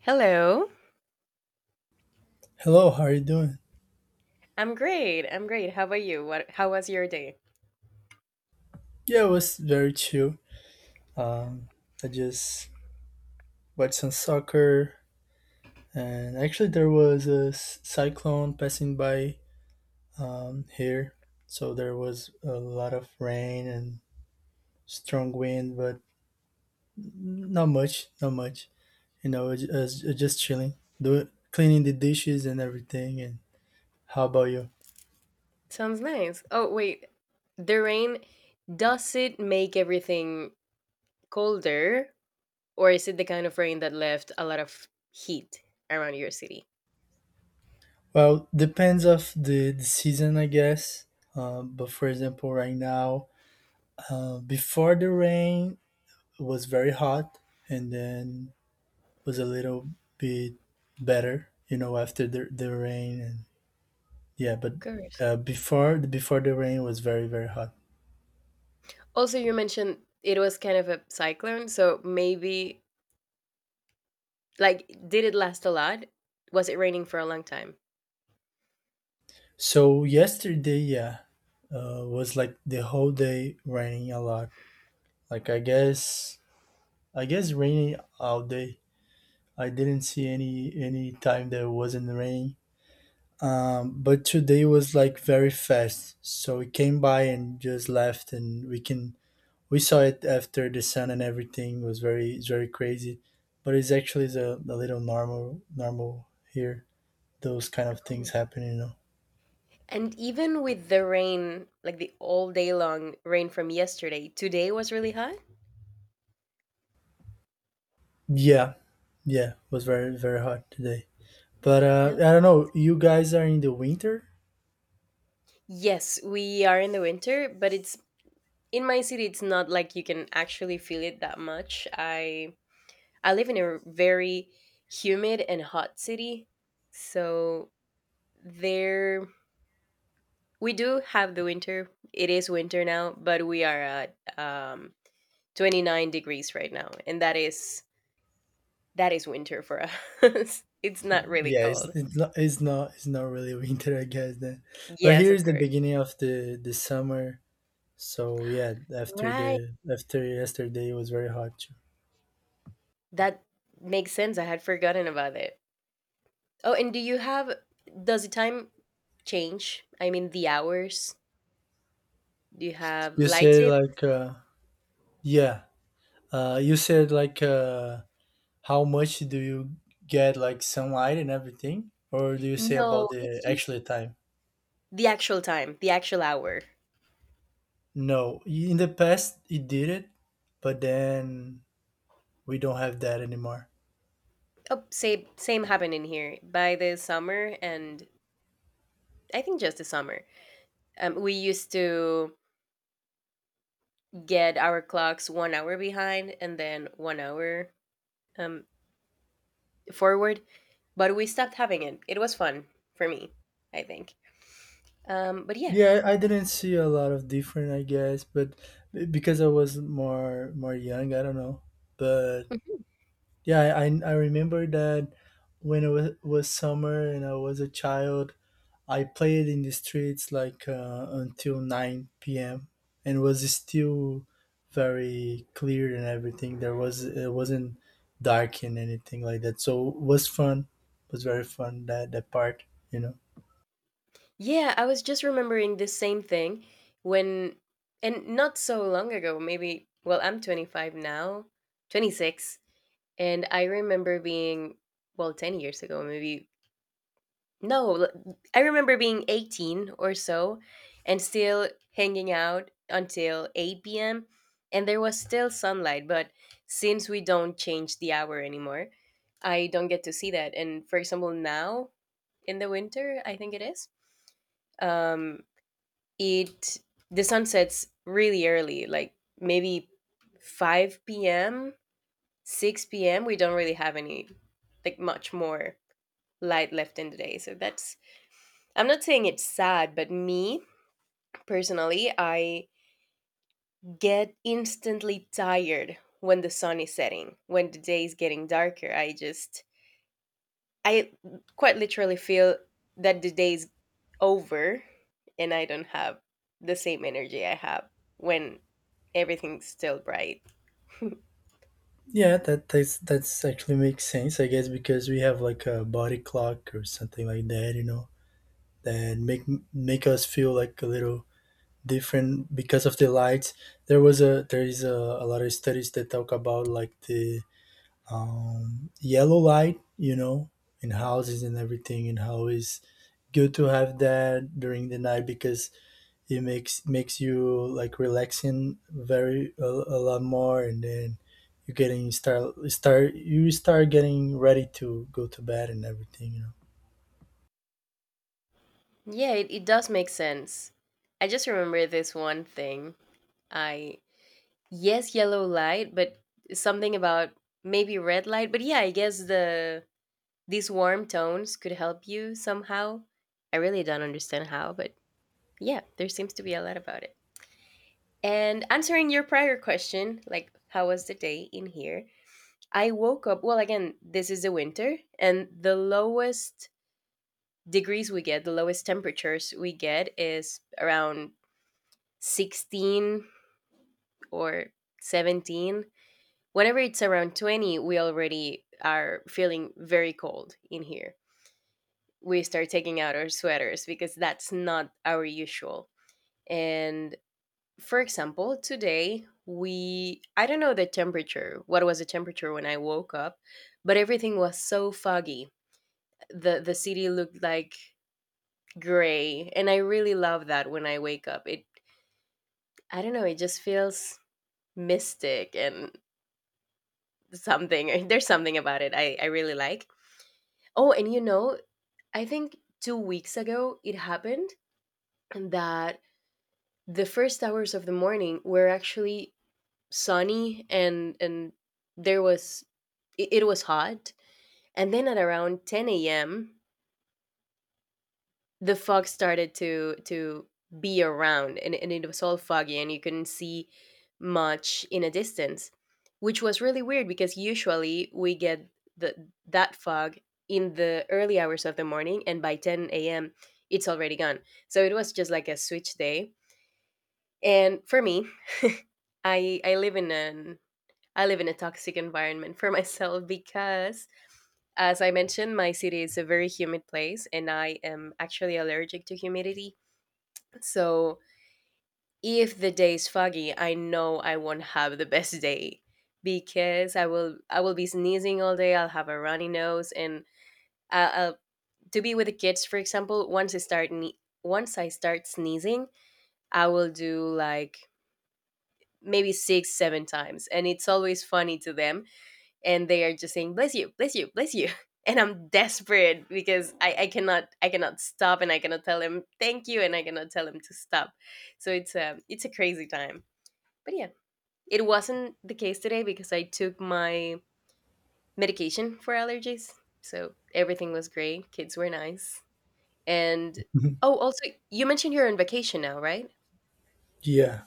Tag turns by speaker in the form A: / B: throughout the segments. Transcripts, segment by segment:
A: Hello.
B: Hello, how are you doing?
A: I'm great. How about you? What How was your day?
B: Yeah, it was very chill. Um, I just watched some soccer, and actually, there was a cyclone passing by here, so there was a lot of rain and strong wind, but not much. I was just chilling, do cleaning the dishes and everything. And how about you?
A: Sounds nice. Oh, wait. The rain, does it make everything colder, or is it the kind of rain that left a lot of heat around your city?
B: Well, depends of the season, I guess. But for example, right now, before the rain, was very hot and then was a little bit better, you know, after the rain and yeah, but
A: Of course.
B: before the rain was very very hot.
A: Also, you mentioned it was kind of a cyclone, so maybe, like, did it last a lot? Was it raining for a long time?
B: So yesterday, yeah, was like the whole day raining a lot. Like I guess raining all day. I didn't see any time that it wasn't raining. But today was like very fast, so it came by and just left, and we saw it after the sun and everything was very it's very crazy but it's actually is a little normal here those kind of things
A: Oh.
B: happen you know
A: And even with the rain, like the all day long rain from yesterday, today was really hot?
B: yeah yeah it was very very hot today but
A: No.
B: I don't know, you guys are in the winter.
A: Yes, we are in the winter, but it's, in my city it's not like you can actually feel it that much. I live in a very humid and hot city. So there we do have the winter. It is winter now, but we are at 29 degrees right now, and that is winter for us. It's not really
B: Yeah, it's,
A: cold.
B: it's not it's not it's not really winter I guess then, but
A: Yes, of
B: here's the
A: course.
B: beginning of the summer. So yeah, after
A: Right.
B: the after yesterday it was very hot too.
A: That makes sense. I had forgotten about it. Oh, and do you have, does the time change? I mean the hours? Do you have
B: You said
A: lightsaber?
B: like Yeah. You said like How much do you get like sunlight and everything? Or do you say
A: No,
B: about
A: it's
B: the
A: just
B: actual time?
A: the actual time, the actual hour.
B: No, in the past it did it, but then we don't have that anymore.
A: Oh, same happened in here by the summer, and I think just the summer. We used to get our clocks 1 hour behind and then 1 hour um forward, but we stopped having it. It was fun for me, I think. But yeah.
B: Yeah, I didn't see a lot of different, I guess, but because I was more young, I don't know. But yeah, I remember that when it was summer and I was a child, I played in the streets like until 9 p.m. and was still very clear and everything. There was It wasn't dark and anything like that, so it was fun. It was very fun that part, you know.
A: Yeah, I was just remembering the same thing when, and not so long ago, maybe, well, I'm 25 now, 26, and I remember being, well, 10 years ago, maybe, no, I remember being 18 or so and still hanging out until 8 p.m. And there was still sunlight, but since we don't change the hour anymore, I don't get to see that. And for example, now in the winter, I think it is. Um, it, the sun sets really early, like maybe 5 p.m., 6 p.m. We don't really have any like much more light left in the day. So that's, I'm not saying it's sad, but me personally, I get instantly tired when the sun is setting. When the day is getting darker, I just, I quite literally feel that the day is over, and I don't have the same energy I have when everything's still bright.
B: Yeah, that's actually makes sense, I guess, because we have like a body clock or something like that, you know, that make us feel like a little different because of the lights. There is a lot of studies that talk about like the yellow light, you know, in houses and everything, and how is good to have that during the night because it makes you like relaxing very a lot more, and then you start getting ready to go to bed and everything, you know.
A: Yeah, it does make sense. I just remember this one thing. I, yes, yellow light, but something about maybe red light. But yeah, I guess these warm tones could help you somehow. I really don't understand how, but yeah, there seems to be a lot about it. And answering your prior question, like how was the day in here? I woke up, well, again, this is the winter, and the lowest degrees we get, the lowest temperatures we get is around 16 or 17. Whenever it's around 20, we already are feeling very cold in here. We start taking out our sweaters because that's not our usual. And for example, today we, I don't know the temperature. What was the temperature when I woke up? But everything was so foggy. The city looked like gray, and I really love that when I wake up. It, I don't know, it just feels mystic and something. There's something about it I really like. Oh, and you know, I think 2 weeks ago it happened that the first hours of the morning were actually sunny and there was, it was hot, and then at around 10 a.m. the fog started to be around, and it was all foggy and you couldn't see much in a distance, which was really weird because usually we get the that fog in the early hours of the morning, and by 10 a.m. it's already gone. So it was just like a switch day. And for me, i i live in an I live in a toxic environment for myself because, as I mentioned, my city is a very humid place and I am actually allergic to humidity. So, if the day is foggy, I know I won't have the best day because I will be sneezing all day. I'll have a runny nose. And I- I'll, to be with the kids, for example. Once I start sneezing, I will do like maybe 6 7 times, and it's always funny to them, and they are just saying, "Bless you, bless you, bless you," and I'm desperate because I cannot, I cannot stop, and I cannot tell him thank you, and I cannot tell him to stop. So it's a crazy time. But yeah, it wasn't the case today because I took my medication for allergies, so everything was great, kids were nice. And oh, also, you mentioned you're on vacation now, right?
B: Yeah,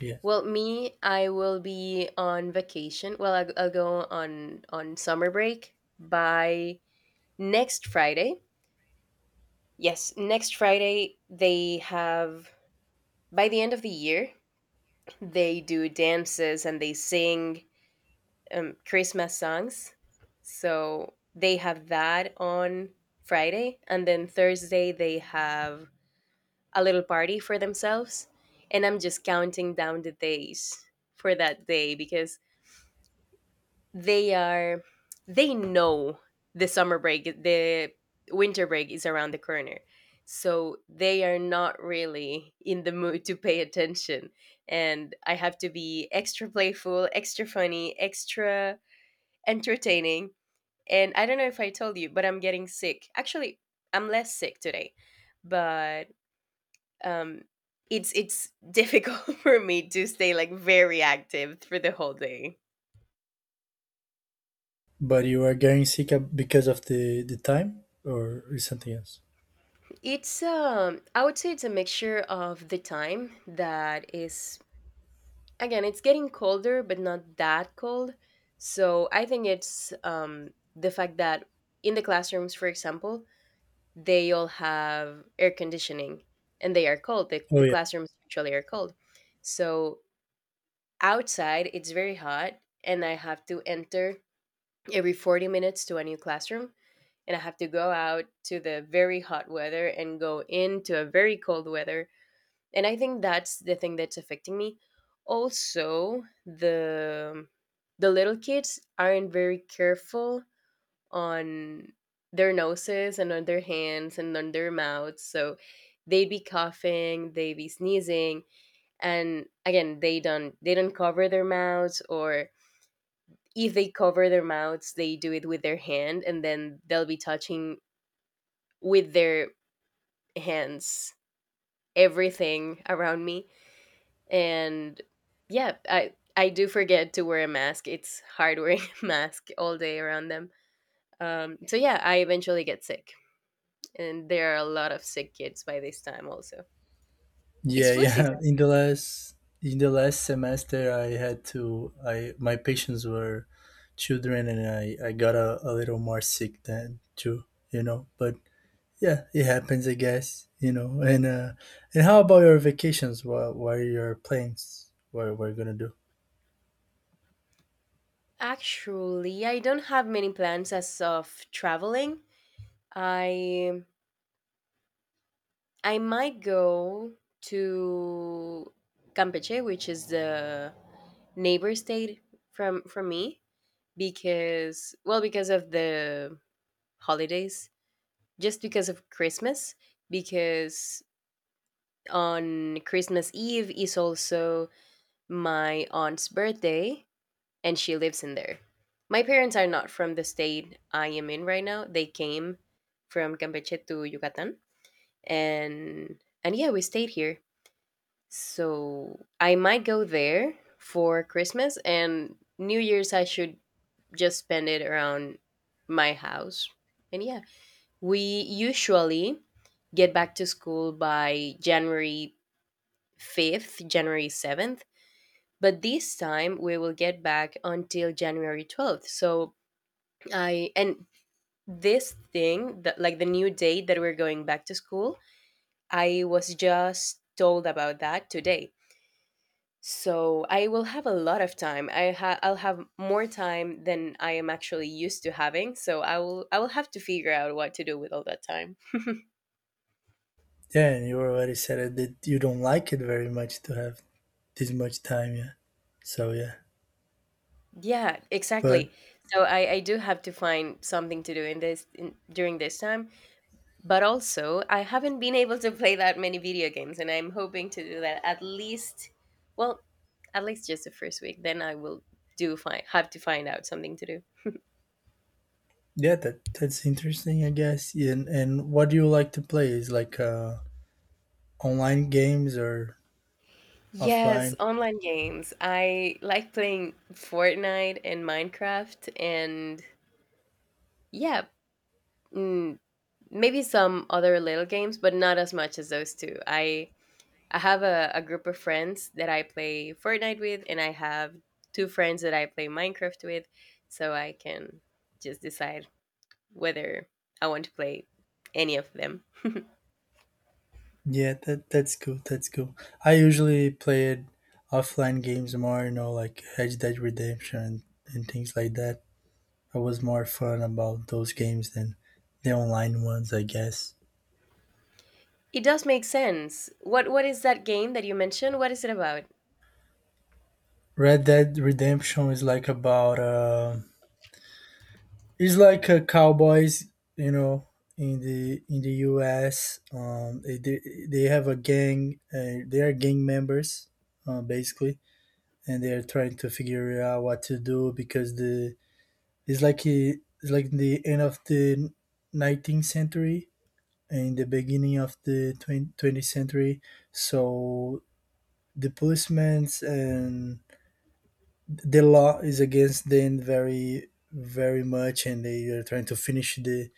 B: yeah.
A: Well, me, I will be on vacation. Well, I'll go on summer break by next Friday. Yes, next Friday they have, by the end of the year, they do dances and they sing Christmas songs. So they have that on Friday, and then Thursday they have a little party for themselves. And I'm just counting down the days for that day because they are, they know the winter break is around the corner, so they are not really in the mood to pay attention, and I have to be extra playful, extra funny, extra entertaining. And I don't know if I told you, but I'm getting sick actually. I'm less sick today, but um it's difficult for me to stay like very active through the whole day.
B: But you are getting sick because of the time, or is something else?
A: It's I would say it's a mixture of the time, that is, again, it's getting colder but not that cold. So I think it's the fact that in the classrooms, for example, they all have air conditioning and they are cold.
B: Oh
A: The
B: yeah.
A: classrooms usually are cold. So outside it's very hot and I have to enter every 40 minutes to a new classroom, and I have to go out to the very hot weather and go into a very cold weather. And I think that's the thing that's affecting me. Also, the little kids aren't very careful on their noses and on their hands and on their mouths, so they be coughing, they be sneezing. And again, they don't cover their mouths, or if they cover their mouths they do it with their hand and then they'll be touching with their hands everything around me. And yeah, I do forget to wear a mask. It's hard wearing a mask all day around them. So yeah, I eventually get sick, and there are a lot of sick kids by this time also. It's
B: Yeah,
A: flu season.
B: yeah. In the last semester, I had to. I My patients were children, and I got a little more sick than too. You know, but yeah, it happens, I guess. You know, and how about your vacations? What are your plans? What we're gonna do?
A: Actually, I don't have many plans as of traveling. I I might go to Campeche, which is the neighbor state from me, because, well, because of the holidays, just because of Christmas, because on Christmas Eve is also my aunt's birthday and she lives in there. My parents are not from the state I am in right now. They came from Campeche to Yucatan, and yeah, we stayed here. So I might go there for Christmas, and New Year's I should just spend it around my house. And yeah, we usually get back to school by January 5th, January 7th, but this time we will get back until January 12th. So I, and this thing, that, like the new date that we're going back to school, I was just told about that today. So I will have a lot of time. I'll have more time than I am actually used to having. So I will have to figure out what to do with all that time.
B: Yeah, and you already said it that you don't like it very much to have this much time. Yeah. So yeah,
A: Yeah,
B: but
A: exactly. So I do have to find something to do in during this time. But also, I haven't been able to play that many video games, and I'm hoping to do that at least, well, at least just the first week. Then I will do find have to find out something to do.
B: yeah, that's interesting, I guess. And what do you like to play? Is like online games or
A: Yes,
B: offline?
A: online games. I like playing Fortnite and Minecraft, and yeah, mm, maybe some other little games, but not as much as those two. I have a group of friends that I play Fortnite with, and I have two friends that I play Minecraft with, so I can just decide whether I want to play any of them.
B: Yeah, that's cool. That's cool. I usually played offline games more, you know, like Red Dead Redemption and things like that. I was more fun about those games than the online ones, I guess.
A: It does make sense. What is that game that you mentioned? What is it about?
B: Red Dead Redemption is like about it's like a cowboys, you know, in the U.S. They have a gang. They are gang members, basically, and they're trying to figure out what to do because the it's like it's like the end of the 19th century and the beginning of the 20 20th century, so the policemen and the law is against them very very much, and they are trying to finish the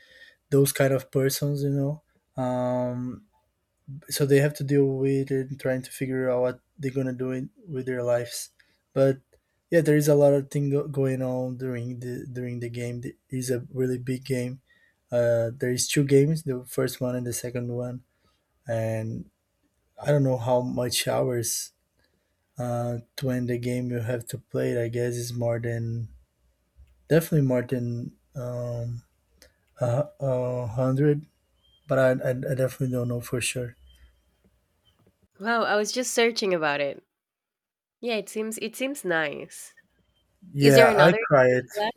B: those kind of persons, you know. um so they have to deal with it and trying to figure out what they're gonna do in, with their lives. But yeah, there is a lot of going on during the game. It is a really big game. There is two games, the first one and the second one, and I don't know how much hours to end the game you have to play. It. I guess it's more than definitely more than a hundred, but I definitely don't know for sure.
A: Wow, I was just searching about it. Yeah, it seems, it seems nice. Is there
B: Yeah, I
A: another game that
B: cried.
A: you like?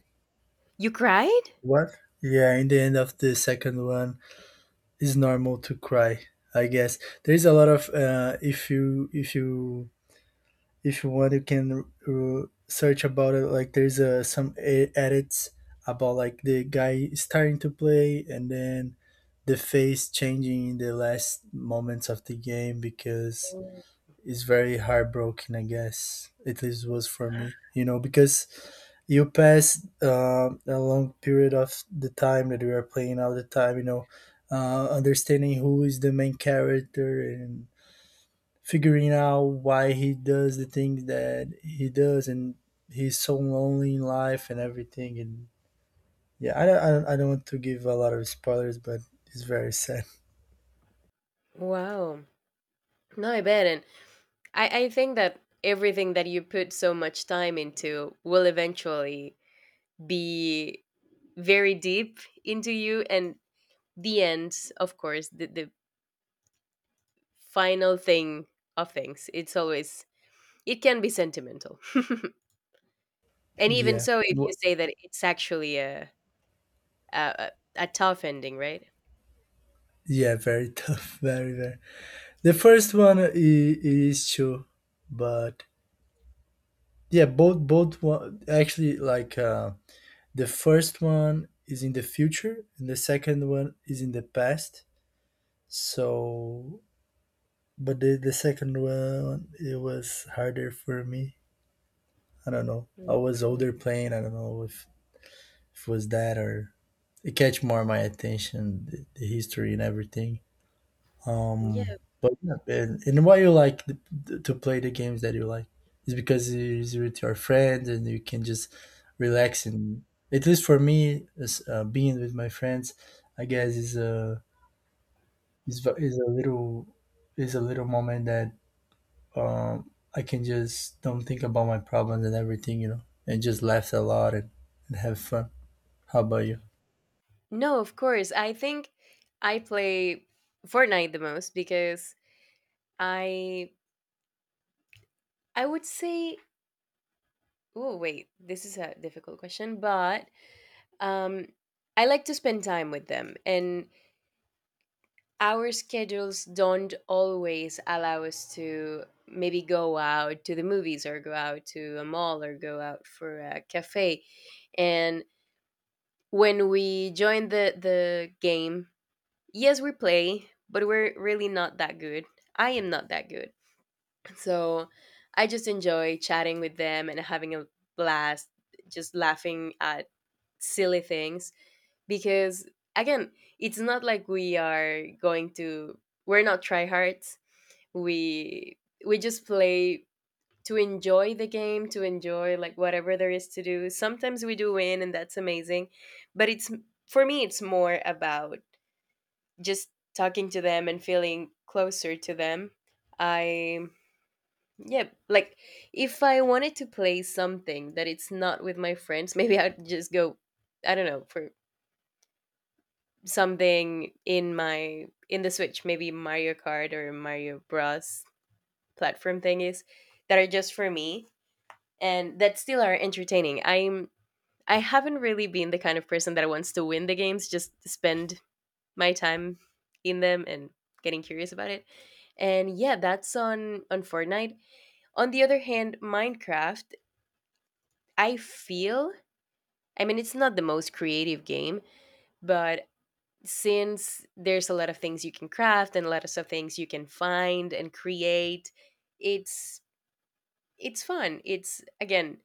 A: You cried?
B: What? Yeah, in the end of the second one, it's normal to cry. I guess there's a lot of if you want, you can search about it. Like there's edits about like the guy starting to play and then the face changing in the last moments of the game because
A: Oh.
B: it's very heartbroken. I guess at least was for me, you know, because you pass a long period of the time that we are playing all the time, you know, understanding who is the main character and figuring out why he does the things that he does and he's so lonely in life and everything and yeah I don't want to give a lot of spoilers, but it's very sad.
A: Wow. No, I bet. And I think that everything that you put so much time into will eventually be very deep into you, and the end of course, the final thing of things, it's always — it can be sentimental and even
B: Yeah.
A: so, if you
B: Wh-
A: say that it's actually a, a a tough ending, right?
B: yeah, very tough. Very very, the first one is true, but yeah, both one actually, like the first one is in the future and the second one is in the past, so but the second one it was harder for me. I don't know, I was
A: No.
B: older playing, I don't know if it was that or it catch more my attention the history and everything.
A: Yeah,
B: But yeah, and why you like to play the games that you like is because it's with your friends and you can just relax and at least for me, is, being with my friends, I guess is is v- is a little is a little moment that I can just don't think about my problems and everything, you know, and just laugh a lot and have fun. How about you?
A: no, of course. I think I play Fortnite the most because i I would say — oh wait, this is a difficult question, but um I like to spend time with them, and our schedules don't always allow us to maybe go out to the movies or go out to a mall or go out for a cafe. And when we join the game, yes, we play, but we're really not that good. I am not that good, so I just enjoy chatting with them and having a blast, just laughing at silly things because, again, it's not like we are going to — we're not tryhards. We we just play to enjoy the game, to enjoy like whatever there is to do. Sometimes we do win and that's amazing, but it's — for me it's more about just talking to them and feeling closer to them. I Yeah, like if I wanted to play something that it's not with my friends, maybe I'd just go, I don't know, for something in my — in the Switch, maybe Mario Kart or Mario Bros, platform thing — is that are just for me and that still are entertaining. I haven't really been the kind of person that wants to win the games, just spend my time in them and getting curious about it. And yeah, that's on Fortnite. On the other hand, Minecraft, I feel, I mean it's not the most creative game, but since there's a lot of things you can craft and a lot of things you can find and create, it's it's fun. It's — again,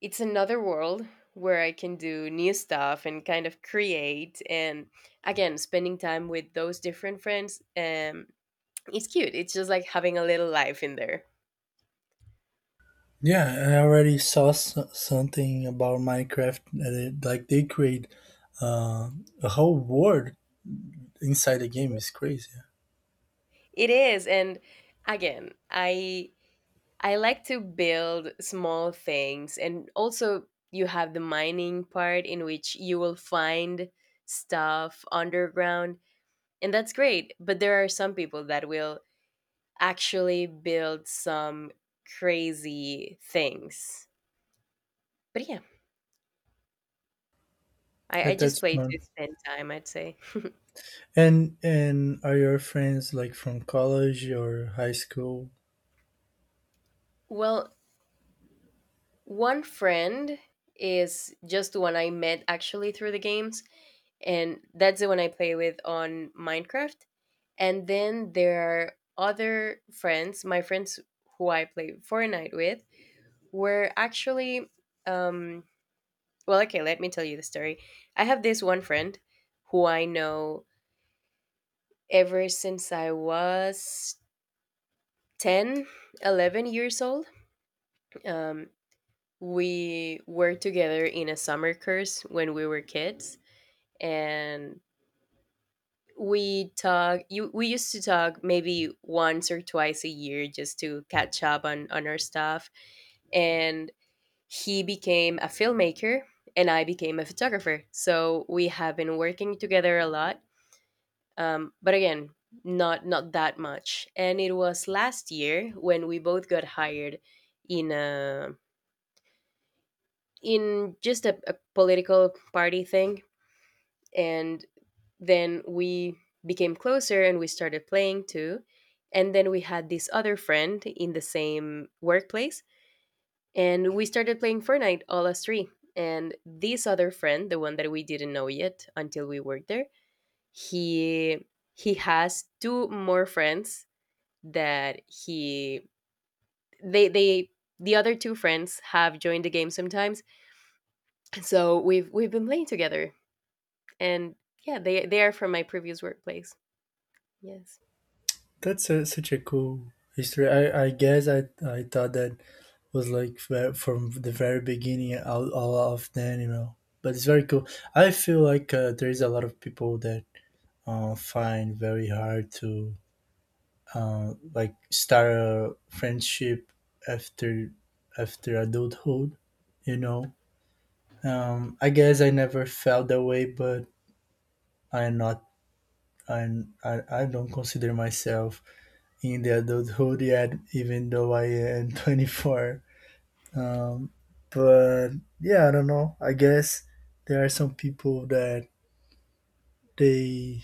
A: it's another world where I can do new stuff and kind of create. And again, spending time with those different friends, it's cute. It's just like having a little life in there.
B: Yeah, I already saw something about Minecraft that it, like they create uh, a whole world inside the game. It's crazy.
A: It is, and again, I like to build small things, and also you have the mining part in which you will find stuff underground, and that's great. But there are some people that will actually build some crazy things. But yeah, I,
B: Yeah,
A: I just
B: that's
A: play to
B: fun.
A: spend time, I'd say.
B: And are your friends like from college or high school?
A: Well, one friend is just the one I met actually through the games, and that's the one I play with on Minecraft. And then there are other friends — my friends who I play Fortnite with — were actually, um, well, okay, let me tell you the story. I have this one friend who I know ever since I was 10, 11 years old. Um, we were together in a summer course when we were kids, and we used to talk maybe once or twice a year just to catch up on our stuff. And he became a filmmaker and I became a photographer, so we have been working together a lot. But again, not that much. And it was last year when we both got hired in a in just a political party thing, and then we became closer and we started playing too. And then we had this other friend in the same workplace, and we started playing Fortnite all us three. And this other friend, the one that we didn't know yet until we worked there, he he has two more friends that he they the other two friends have joined the game sometimes. So we've been playing together. And yeah, they are from my previous workplace. Yes.
B: That's such a cool history. I guess I thought that was like from the very beginning, all of them, you know. But it's very cool. I feel like there is a lot of people that find very hard to like start a friendship after after adulthood, you know. I guess I never felt that way, but I'm not I'm, I don't consider myself in the adulthood yet, even though I am 24. um, but yeah, I don't know, I guess there are some people that they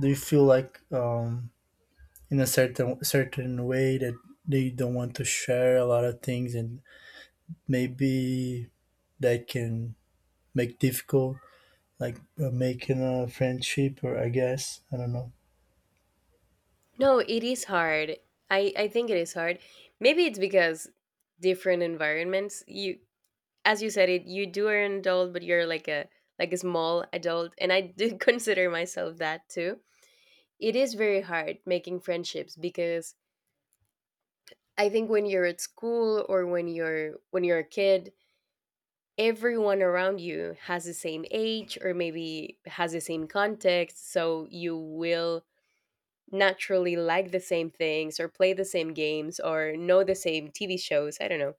B: they feel like in a certain way that they don't want to share a lot of things and maybe that can make difficult like making a friendship, or I guess I don't know.
A: No, it is hard. I think it is hard. Maybe it's because different environments. You — as you said it, you do are an adult, but you're like a small adult, and I do consider myself that too. It is very hard making friendships because I think when you're at school or when you're a kid, everyone around you has the same age or maybe has the same context, so you will naturally like the same things or play the same games or know the same TV shows, I don't know.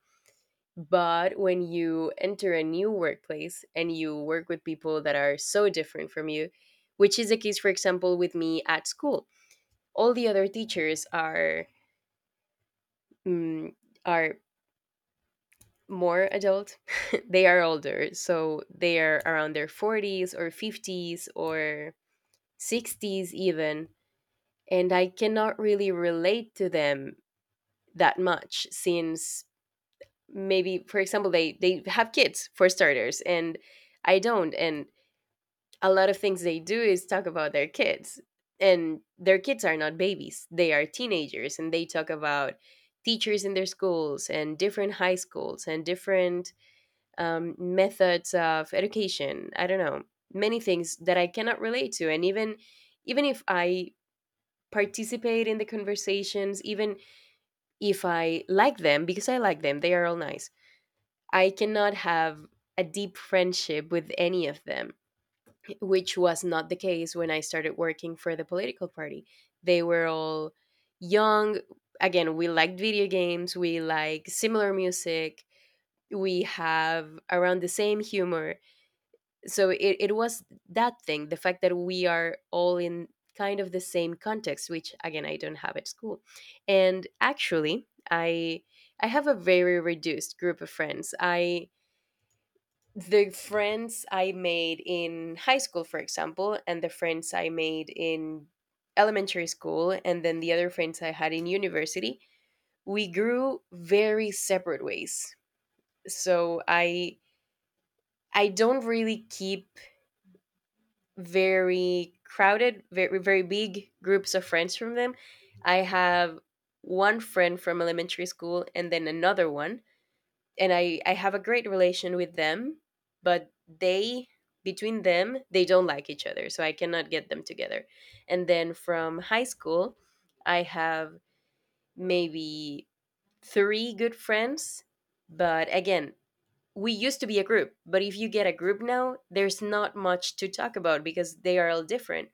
A: But when you enter a new workplace and you work with people that are so different from you, which is the case, for example, with me at school, all the other teachers are — mm, are more adult they are older, so they are around their 40s or 50s or 60s even, and I cannot really relate to them that much since, maybe for example, they have kids for starters and I don't. And a lot of things they do is talk about their kids, and their kids are not babies, they are teenagers, and they talk about teachers in their schools and different high schools and different, methods of education, I don't know, many things that I cannot relate to. And even, even if I participate in the conversations, even if I like them — because I like them, they are all nice — I cannot have a deep friendship with any of them, which was not the case when I started working for the political party. They were all young. Again, we liked video games, we like similar music, we have around the same humor, so it was that thing, the fact that we are all in kind of the same context, which again I don't have at school. And actually, i I have a very reduced group of friends. I The friends I made in high school, for example, and the friends I made in elementary school, and then the other friends I had in university, we grew very separate ways. So I don't really keep very crowded, very very big groups of friends from them. I have one friend from elementary school and then another one, and I have a great relation with them, but they — between them they don't like each other, so I cannot get them together. And then from high school, I have maybe three good friends, but again, we used to be a group. But if you get a group now, there's not much to talk about because they are all different,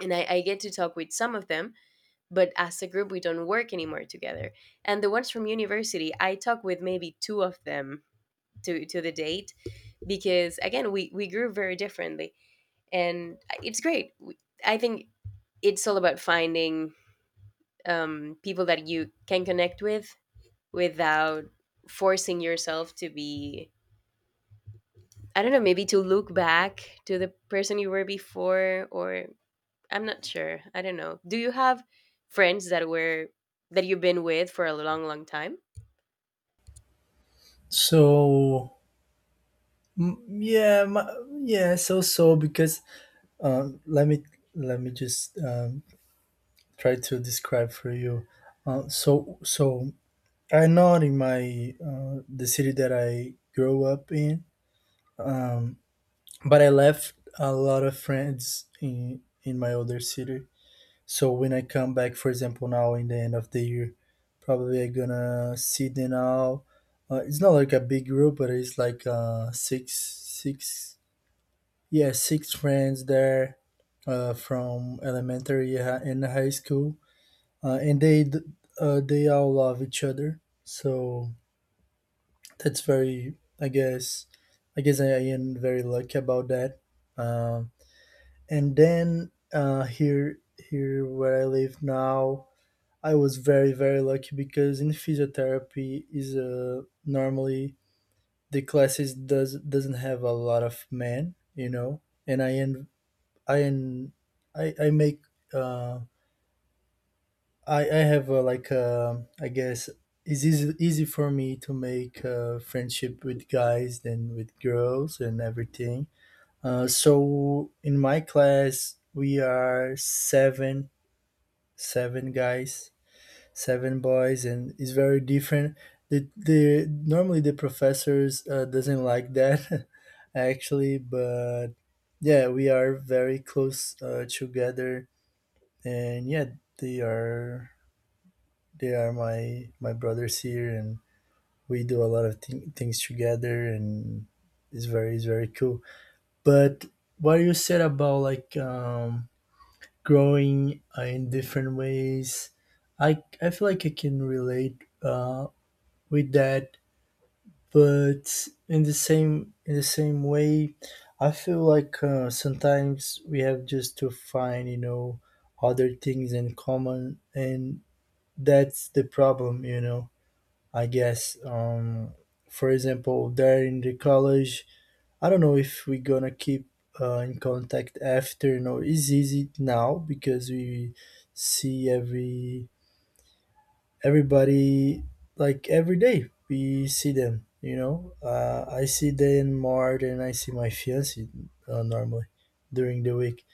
A: and I get to talk with some of them, but as a group we don't work anymore together. And the ones from university I talk with maybe two of them to the date, because again we grew very differently. And it's great. I think it's all about finding, people that you can connect with without forcing yourself to be, I don't know, maybe to look back to the person you were before, or I'm not sure. I don't know. Do you have friends that were — that you've been with for a long, long time?
B: So yeah yeah so because um let me let me just try to describe for you so I know in my the city that I grew up in, um but I left a lot of friends in my other city. So when I come back, for example, now in the end of the year, probably I gonna see them now. It's not like a big group, but it's like yeah, six friends there from elementary and high school, uh, and they d- they all love each other. So that's very, I guess I am very lucky about that. Um, and then here where I live now. I was very very lucky because in physiotherapy is normally the classes doesn't have a lot of men, you know, and I en I I make uh, I have I guess it's easy for me to make friendship with guys than with girls and everything. So in my class we are seven guys seven boys, and it's very different. The normally the professors doesn't like that actually, but yeah, we are very close together. And yeah, they are they are my brothers here, and we do a lot of things together, and it's very cool. But what you said about like, growing in different ways, i I feel like I can relate with that. But in the same way, I feel like sometimes we have just to find, you know, other things in common, and that's the problem, you know. I guess, for example, there in the college, I don't know if we're gonna keep in contact after, you know. It's easy now because we see everybody, like every day we see them, you know. I see them more than I see my fiance, normally, during the week.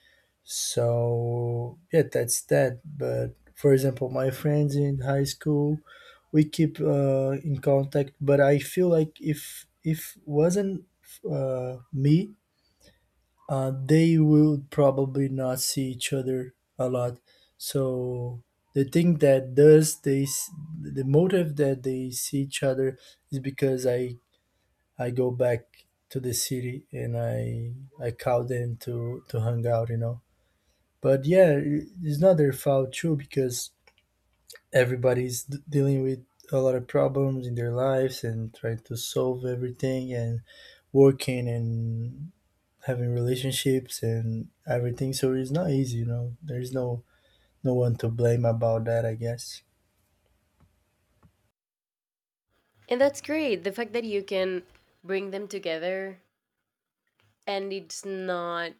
B: So yeah, that's that. But for example, my friends in high school, we keep in contact, but I feel like if wasn't me, they will probably not see each other a lot. So the thing that does the motive that they see each other is because I go back to the city, and I call them to hang out, you know. But yeah, it's not their fault too, because everybody's dealing with a lot of problems in their lives and trying to solve everything and working and having relationships and everything, so it's not easy, you know. There's no one to blame about that, I guess.
A: And that's great. The fact that you can bring them together, and it's not —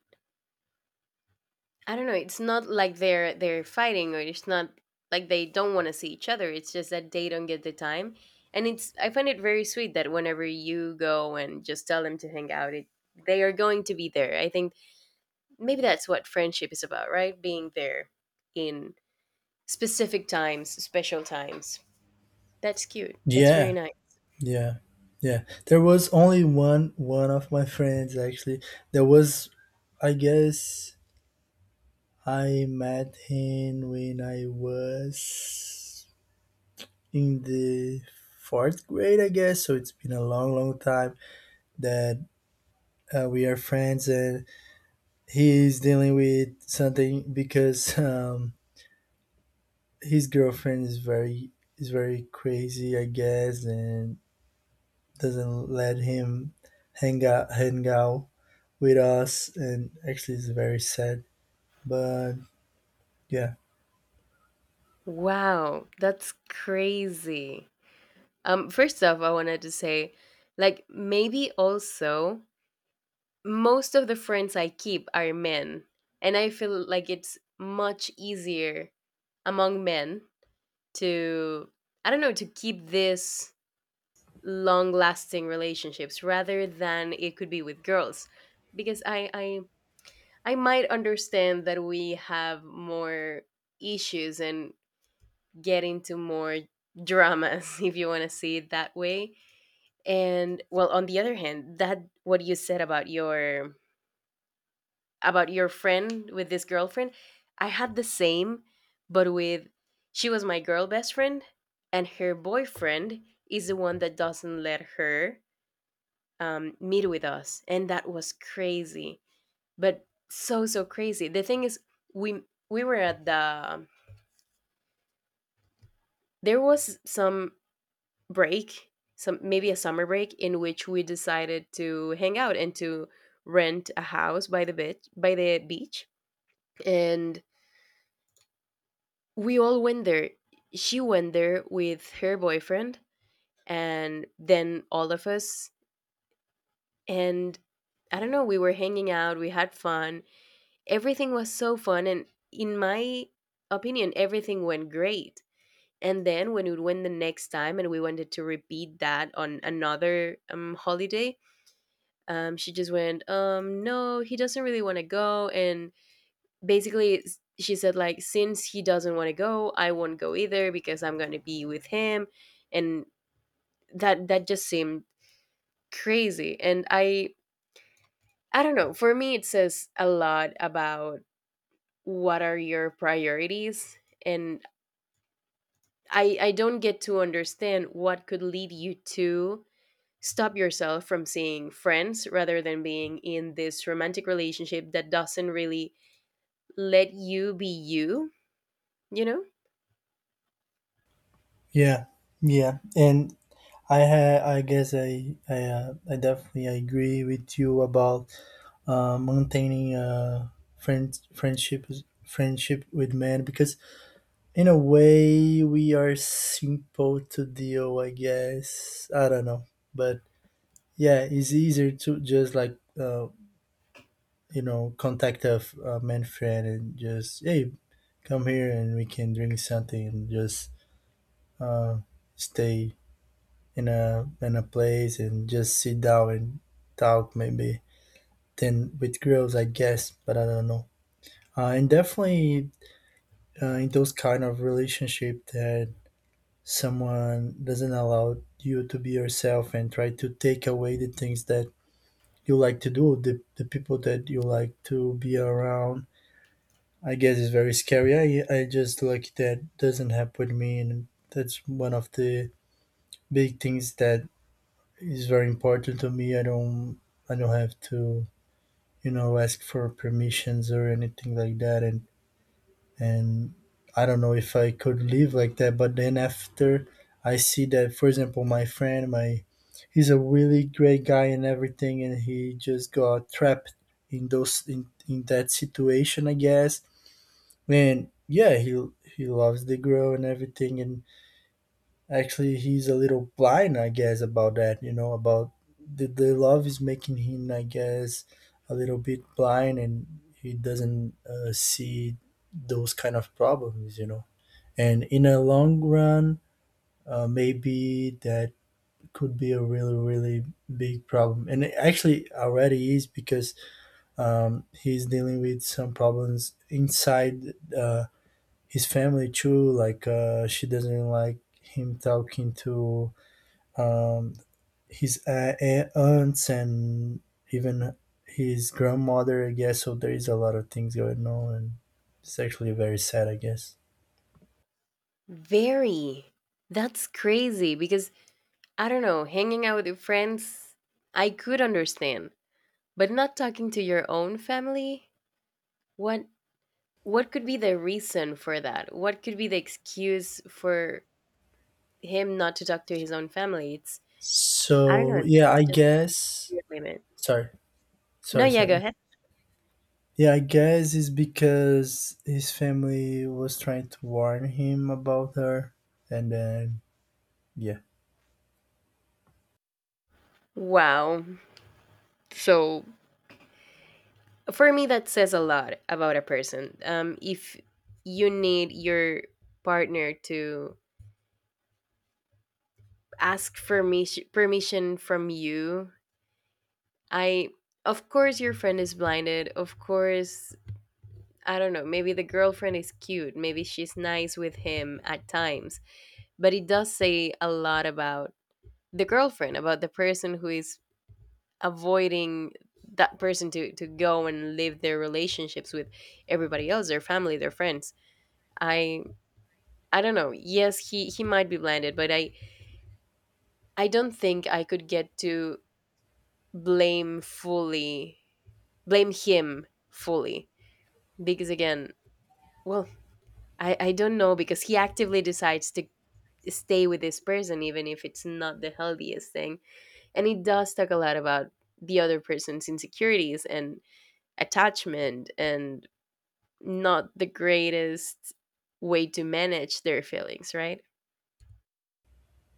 A: I don't know, it's not like they're fighting, or it's not like they don't want to see each other. It's just that they don't get the time. And it's — I find it very sweet that whenever you go and just tell them to hang out, it they are going to be there. I think maybe that's what friendship is about, right? Being there in specific times, special times. That's cute. That's very
B: Yeah.
A: nice.
B: Yeah. Yeah, there was only one of my friends, actually. There was, I guess, I met him when I was in the fourth grade, I guess, so it's been a long long time that we are friends. And he is dealing with something because his girlfriend is very crazy, I guess, and doesn't let him hang out with us. And actually, it's very sad. But yeah,
A: Wow, that's crazy. First off, I wanted to say, like, maybe also most of the friends I keep are men, and I feel like it's much easier among men to, I don't know, to keep this long lasting relationships rather than it could be with girls. Because I might understand that we have more issues and get into more dramas if you want to see it that way. And well, on the other hand, that what you said about your friend with this girlfriend, I had the same, but with — she was my girl best friend, and her boyfriend is the one that doesn't let her, meet with us, and that was crazy, but so so crazy. The thing is, we we were at the — there was some break, some maybe a summer break, in which we decided to hang out and to rent a house by the beach, and we all went there. She went there with her boyfriend, and then all of us and — I don't know, we were hanging out, we had fun. Everything was so fun, and in my opinion everything went great. And then when we went the next time and we wanted to repeat that on another, holiday, she just went, no, he doesn't really want to go. And basically, she said like, since he doesn't want to go, I won't go either because I'm going to be with him. And that just seemed crazy. And I don't know, for me it says a lot about what are your priorities. And I don't get to understand what could lead you to stop yourself from seeing friends rather than being in this romantic relationship that doesn't really let you be you, you know?
B: yeah, yeah. And I guess I definitely agree with you about maintaining friend friendship friendship with men, because in a way we are simple to deal. I guess, I don't know, but yeah, it's easier to just like, you know, contact a man friend and just, hey, come here and we can drink something and just uh, stay in a place and just sit down and talk maybe. Then with girls, I guess, but I don't know. And definitely in those kind of relationship that someone doesn't allow you to be yourself and try to take away the things that you like to do, the people that you like to be around. I guess it's very scary. I just like that doesn't happen with me, and that's one of the big things that is very important to me. I don't have to, you know, ask for permissions or anything like that, and and I don't know if I could live like that. But then after, I see that, for example, my friend, my he's a really great guy and everything, and he just got trapped in in that situation, I guess. And yeah, he loves the girl and everything, and actually he's a little blind, I guess, about that. You know, about the love is making him, I guess, a little bit blind, and he doesn't see those kind of problems. You know, and in a long run, maybe that could be a really really big problem, and it actually already is, because he's dealing with some problems inside his family too, like she doesn't like him talking to um, his aunts and even his grandmother, I guess. So there is a lot of things going on, and it's actually very sad, I guess.
A: Very. That's crazy because, I don't know, hanging out with your friends, I could understand, but not talking to your own family? What what could be the reason for that? What could be the excuse for him not to talk to his own family? It's — I don't know,
B: So yeah,
A: that's
B: I
A: just
B: guess.
A: a weird limit.
B: Sorry,
A: No, yeah, go
B: sorry.
A: ahead.
B: Yeah, I guess it's because his family was trying to warn him about her, and then yeah,
A: Wow. So for me that says a lot about a person, if you need your partner to ask for permission from you, I of course your friend is blinded, of course. I don't know, maybe the girlfriend is cute, maybe she's nice with him at times, but it does say a lot about the girlfriend, about the person who is avoiding that person to go and live their relationships with everybody else, their family, their friends. I I don't know. Yes, he might be blinded, but I don't think I could get to blame fully blame him fully because, again, well, I don't know because he actively decides to stay with this person even if it's not the healthiest thing, and it does talk a lot about the other person's insecurities and attachment and not the greatest way to manage their feelings, right?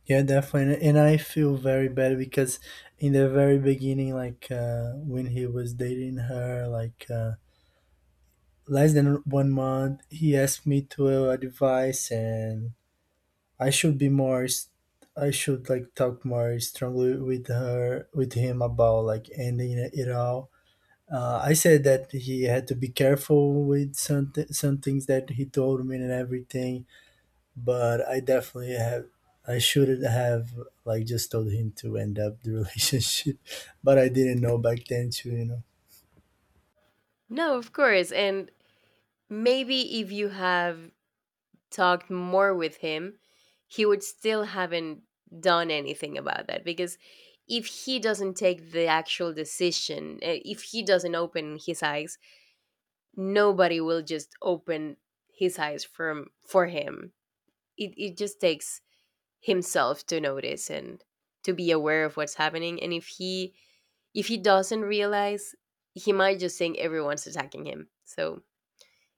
B: yeah, definitely. And I feel very bad because in the very beginning, like when he was dating her, like less than one month, he asked me to, advice, and I should be more. I should like talk more strongly with her, with him, about like ending it all. I said that he had to be careful with some some things that he told me and everything, but I shouldn't have like just told him to end up the relationship, but I didn't know back then too, you know.
A: No, of course, and maybe if you have talked more with him, he would still haven't done anything about that because if he doesn't take the actual decision, if he doesn't open his eyes, nobody will just open his eyes from for him. It just takes himself to notice and to be aware of what's happening, and if he doesn't realize, he might just think everyone's attacking him. So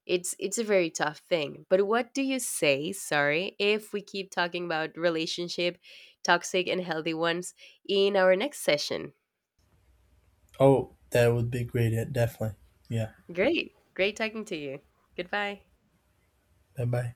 A: it's a very tough thing. But what do you say, sorry, if we keep talking about relationship, toxic and healthy ones, in our next session?
B: Oh, that would be great, yeah, definitely. Yeah.
A: Great. Great talking to you. Goodbye.
B: Bye bye.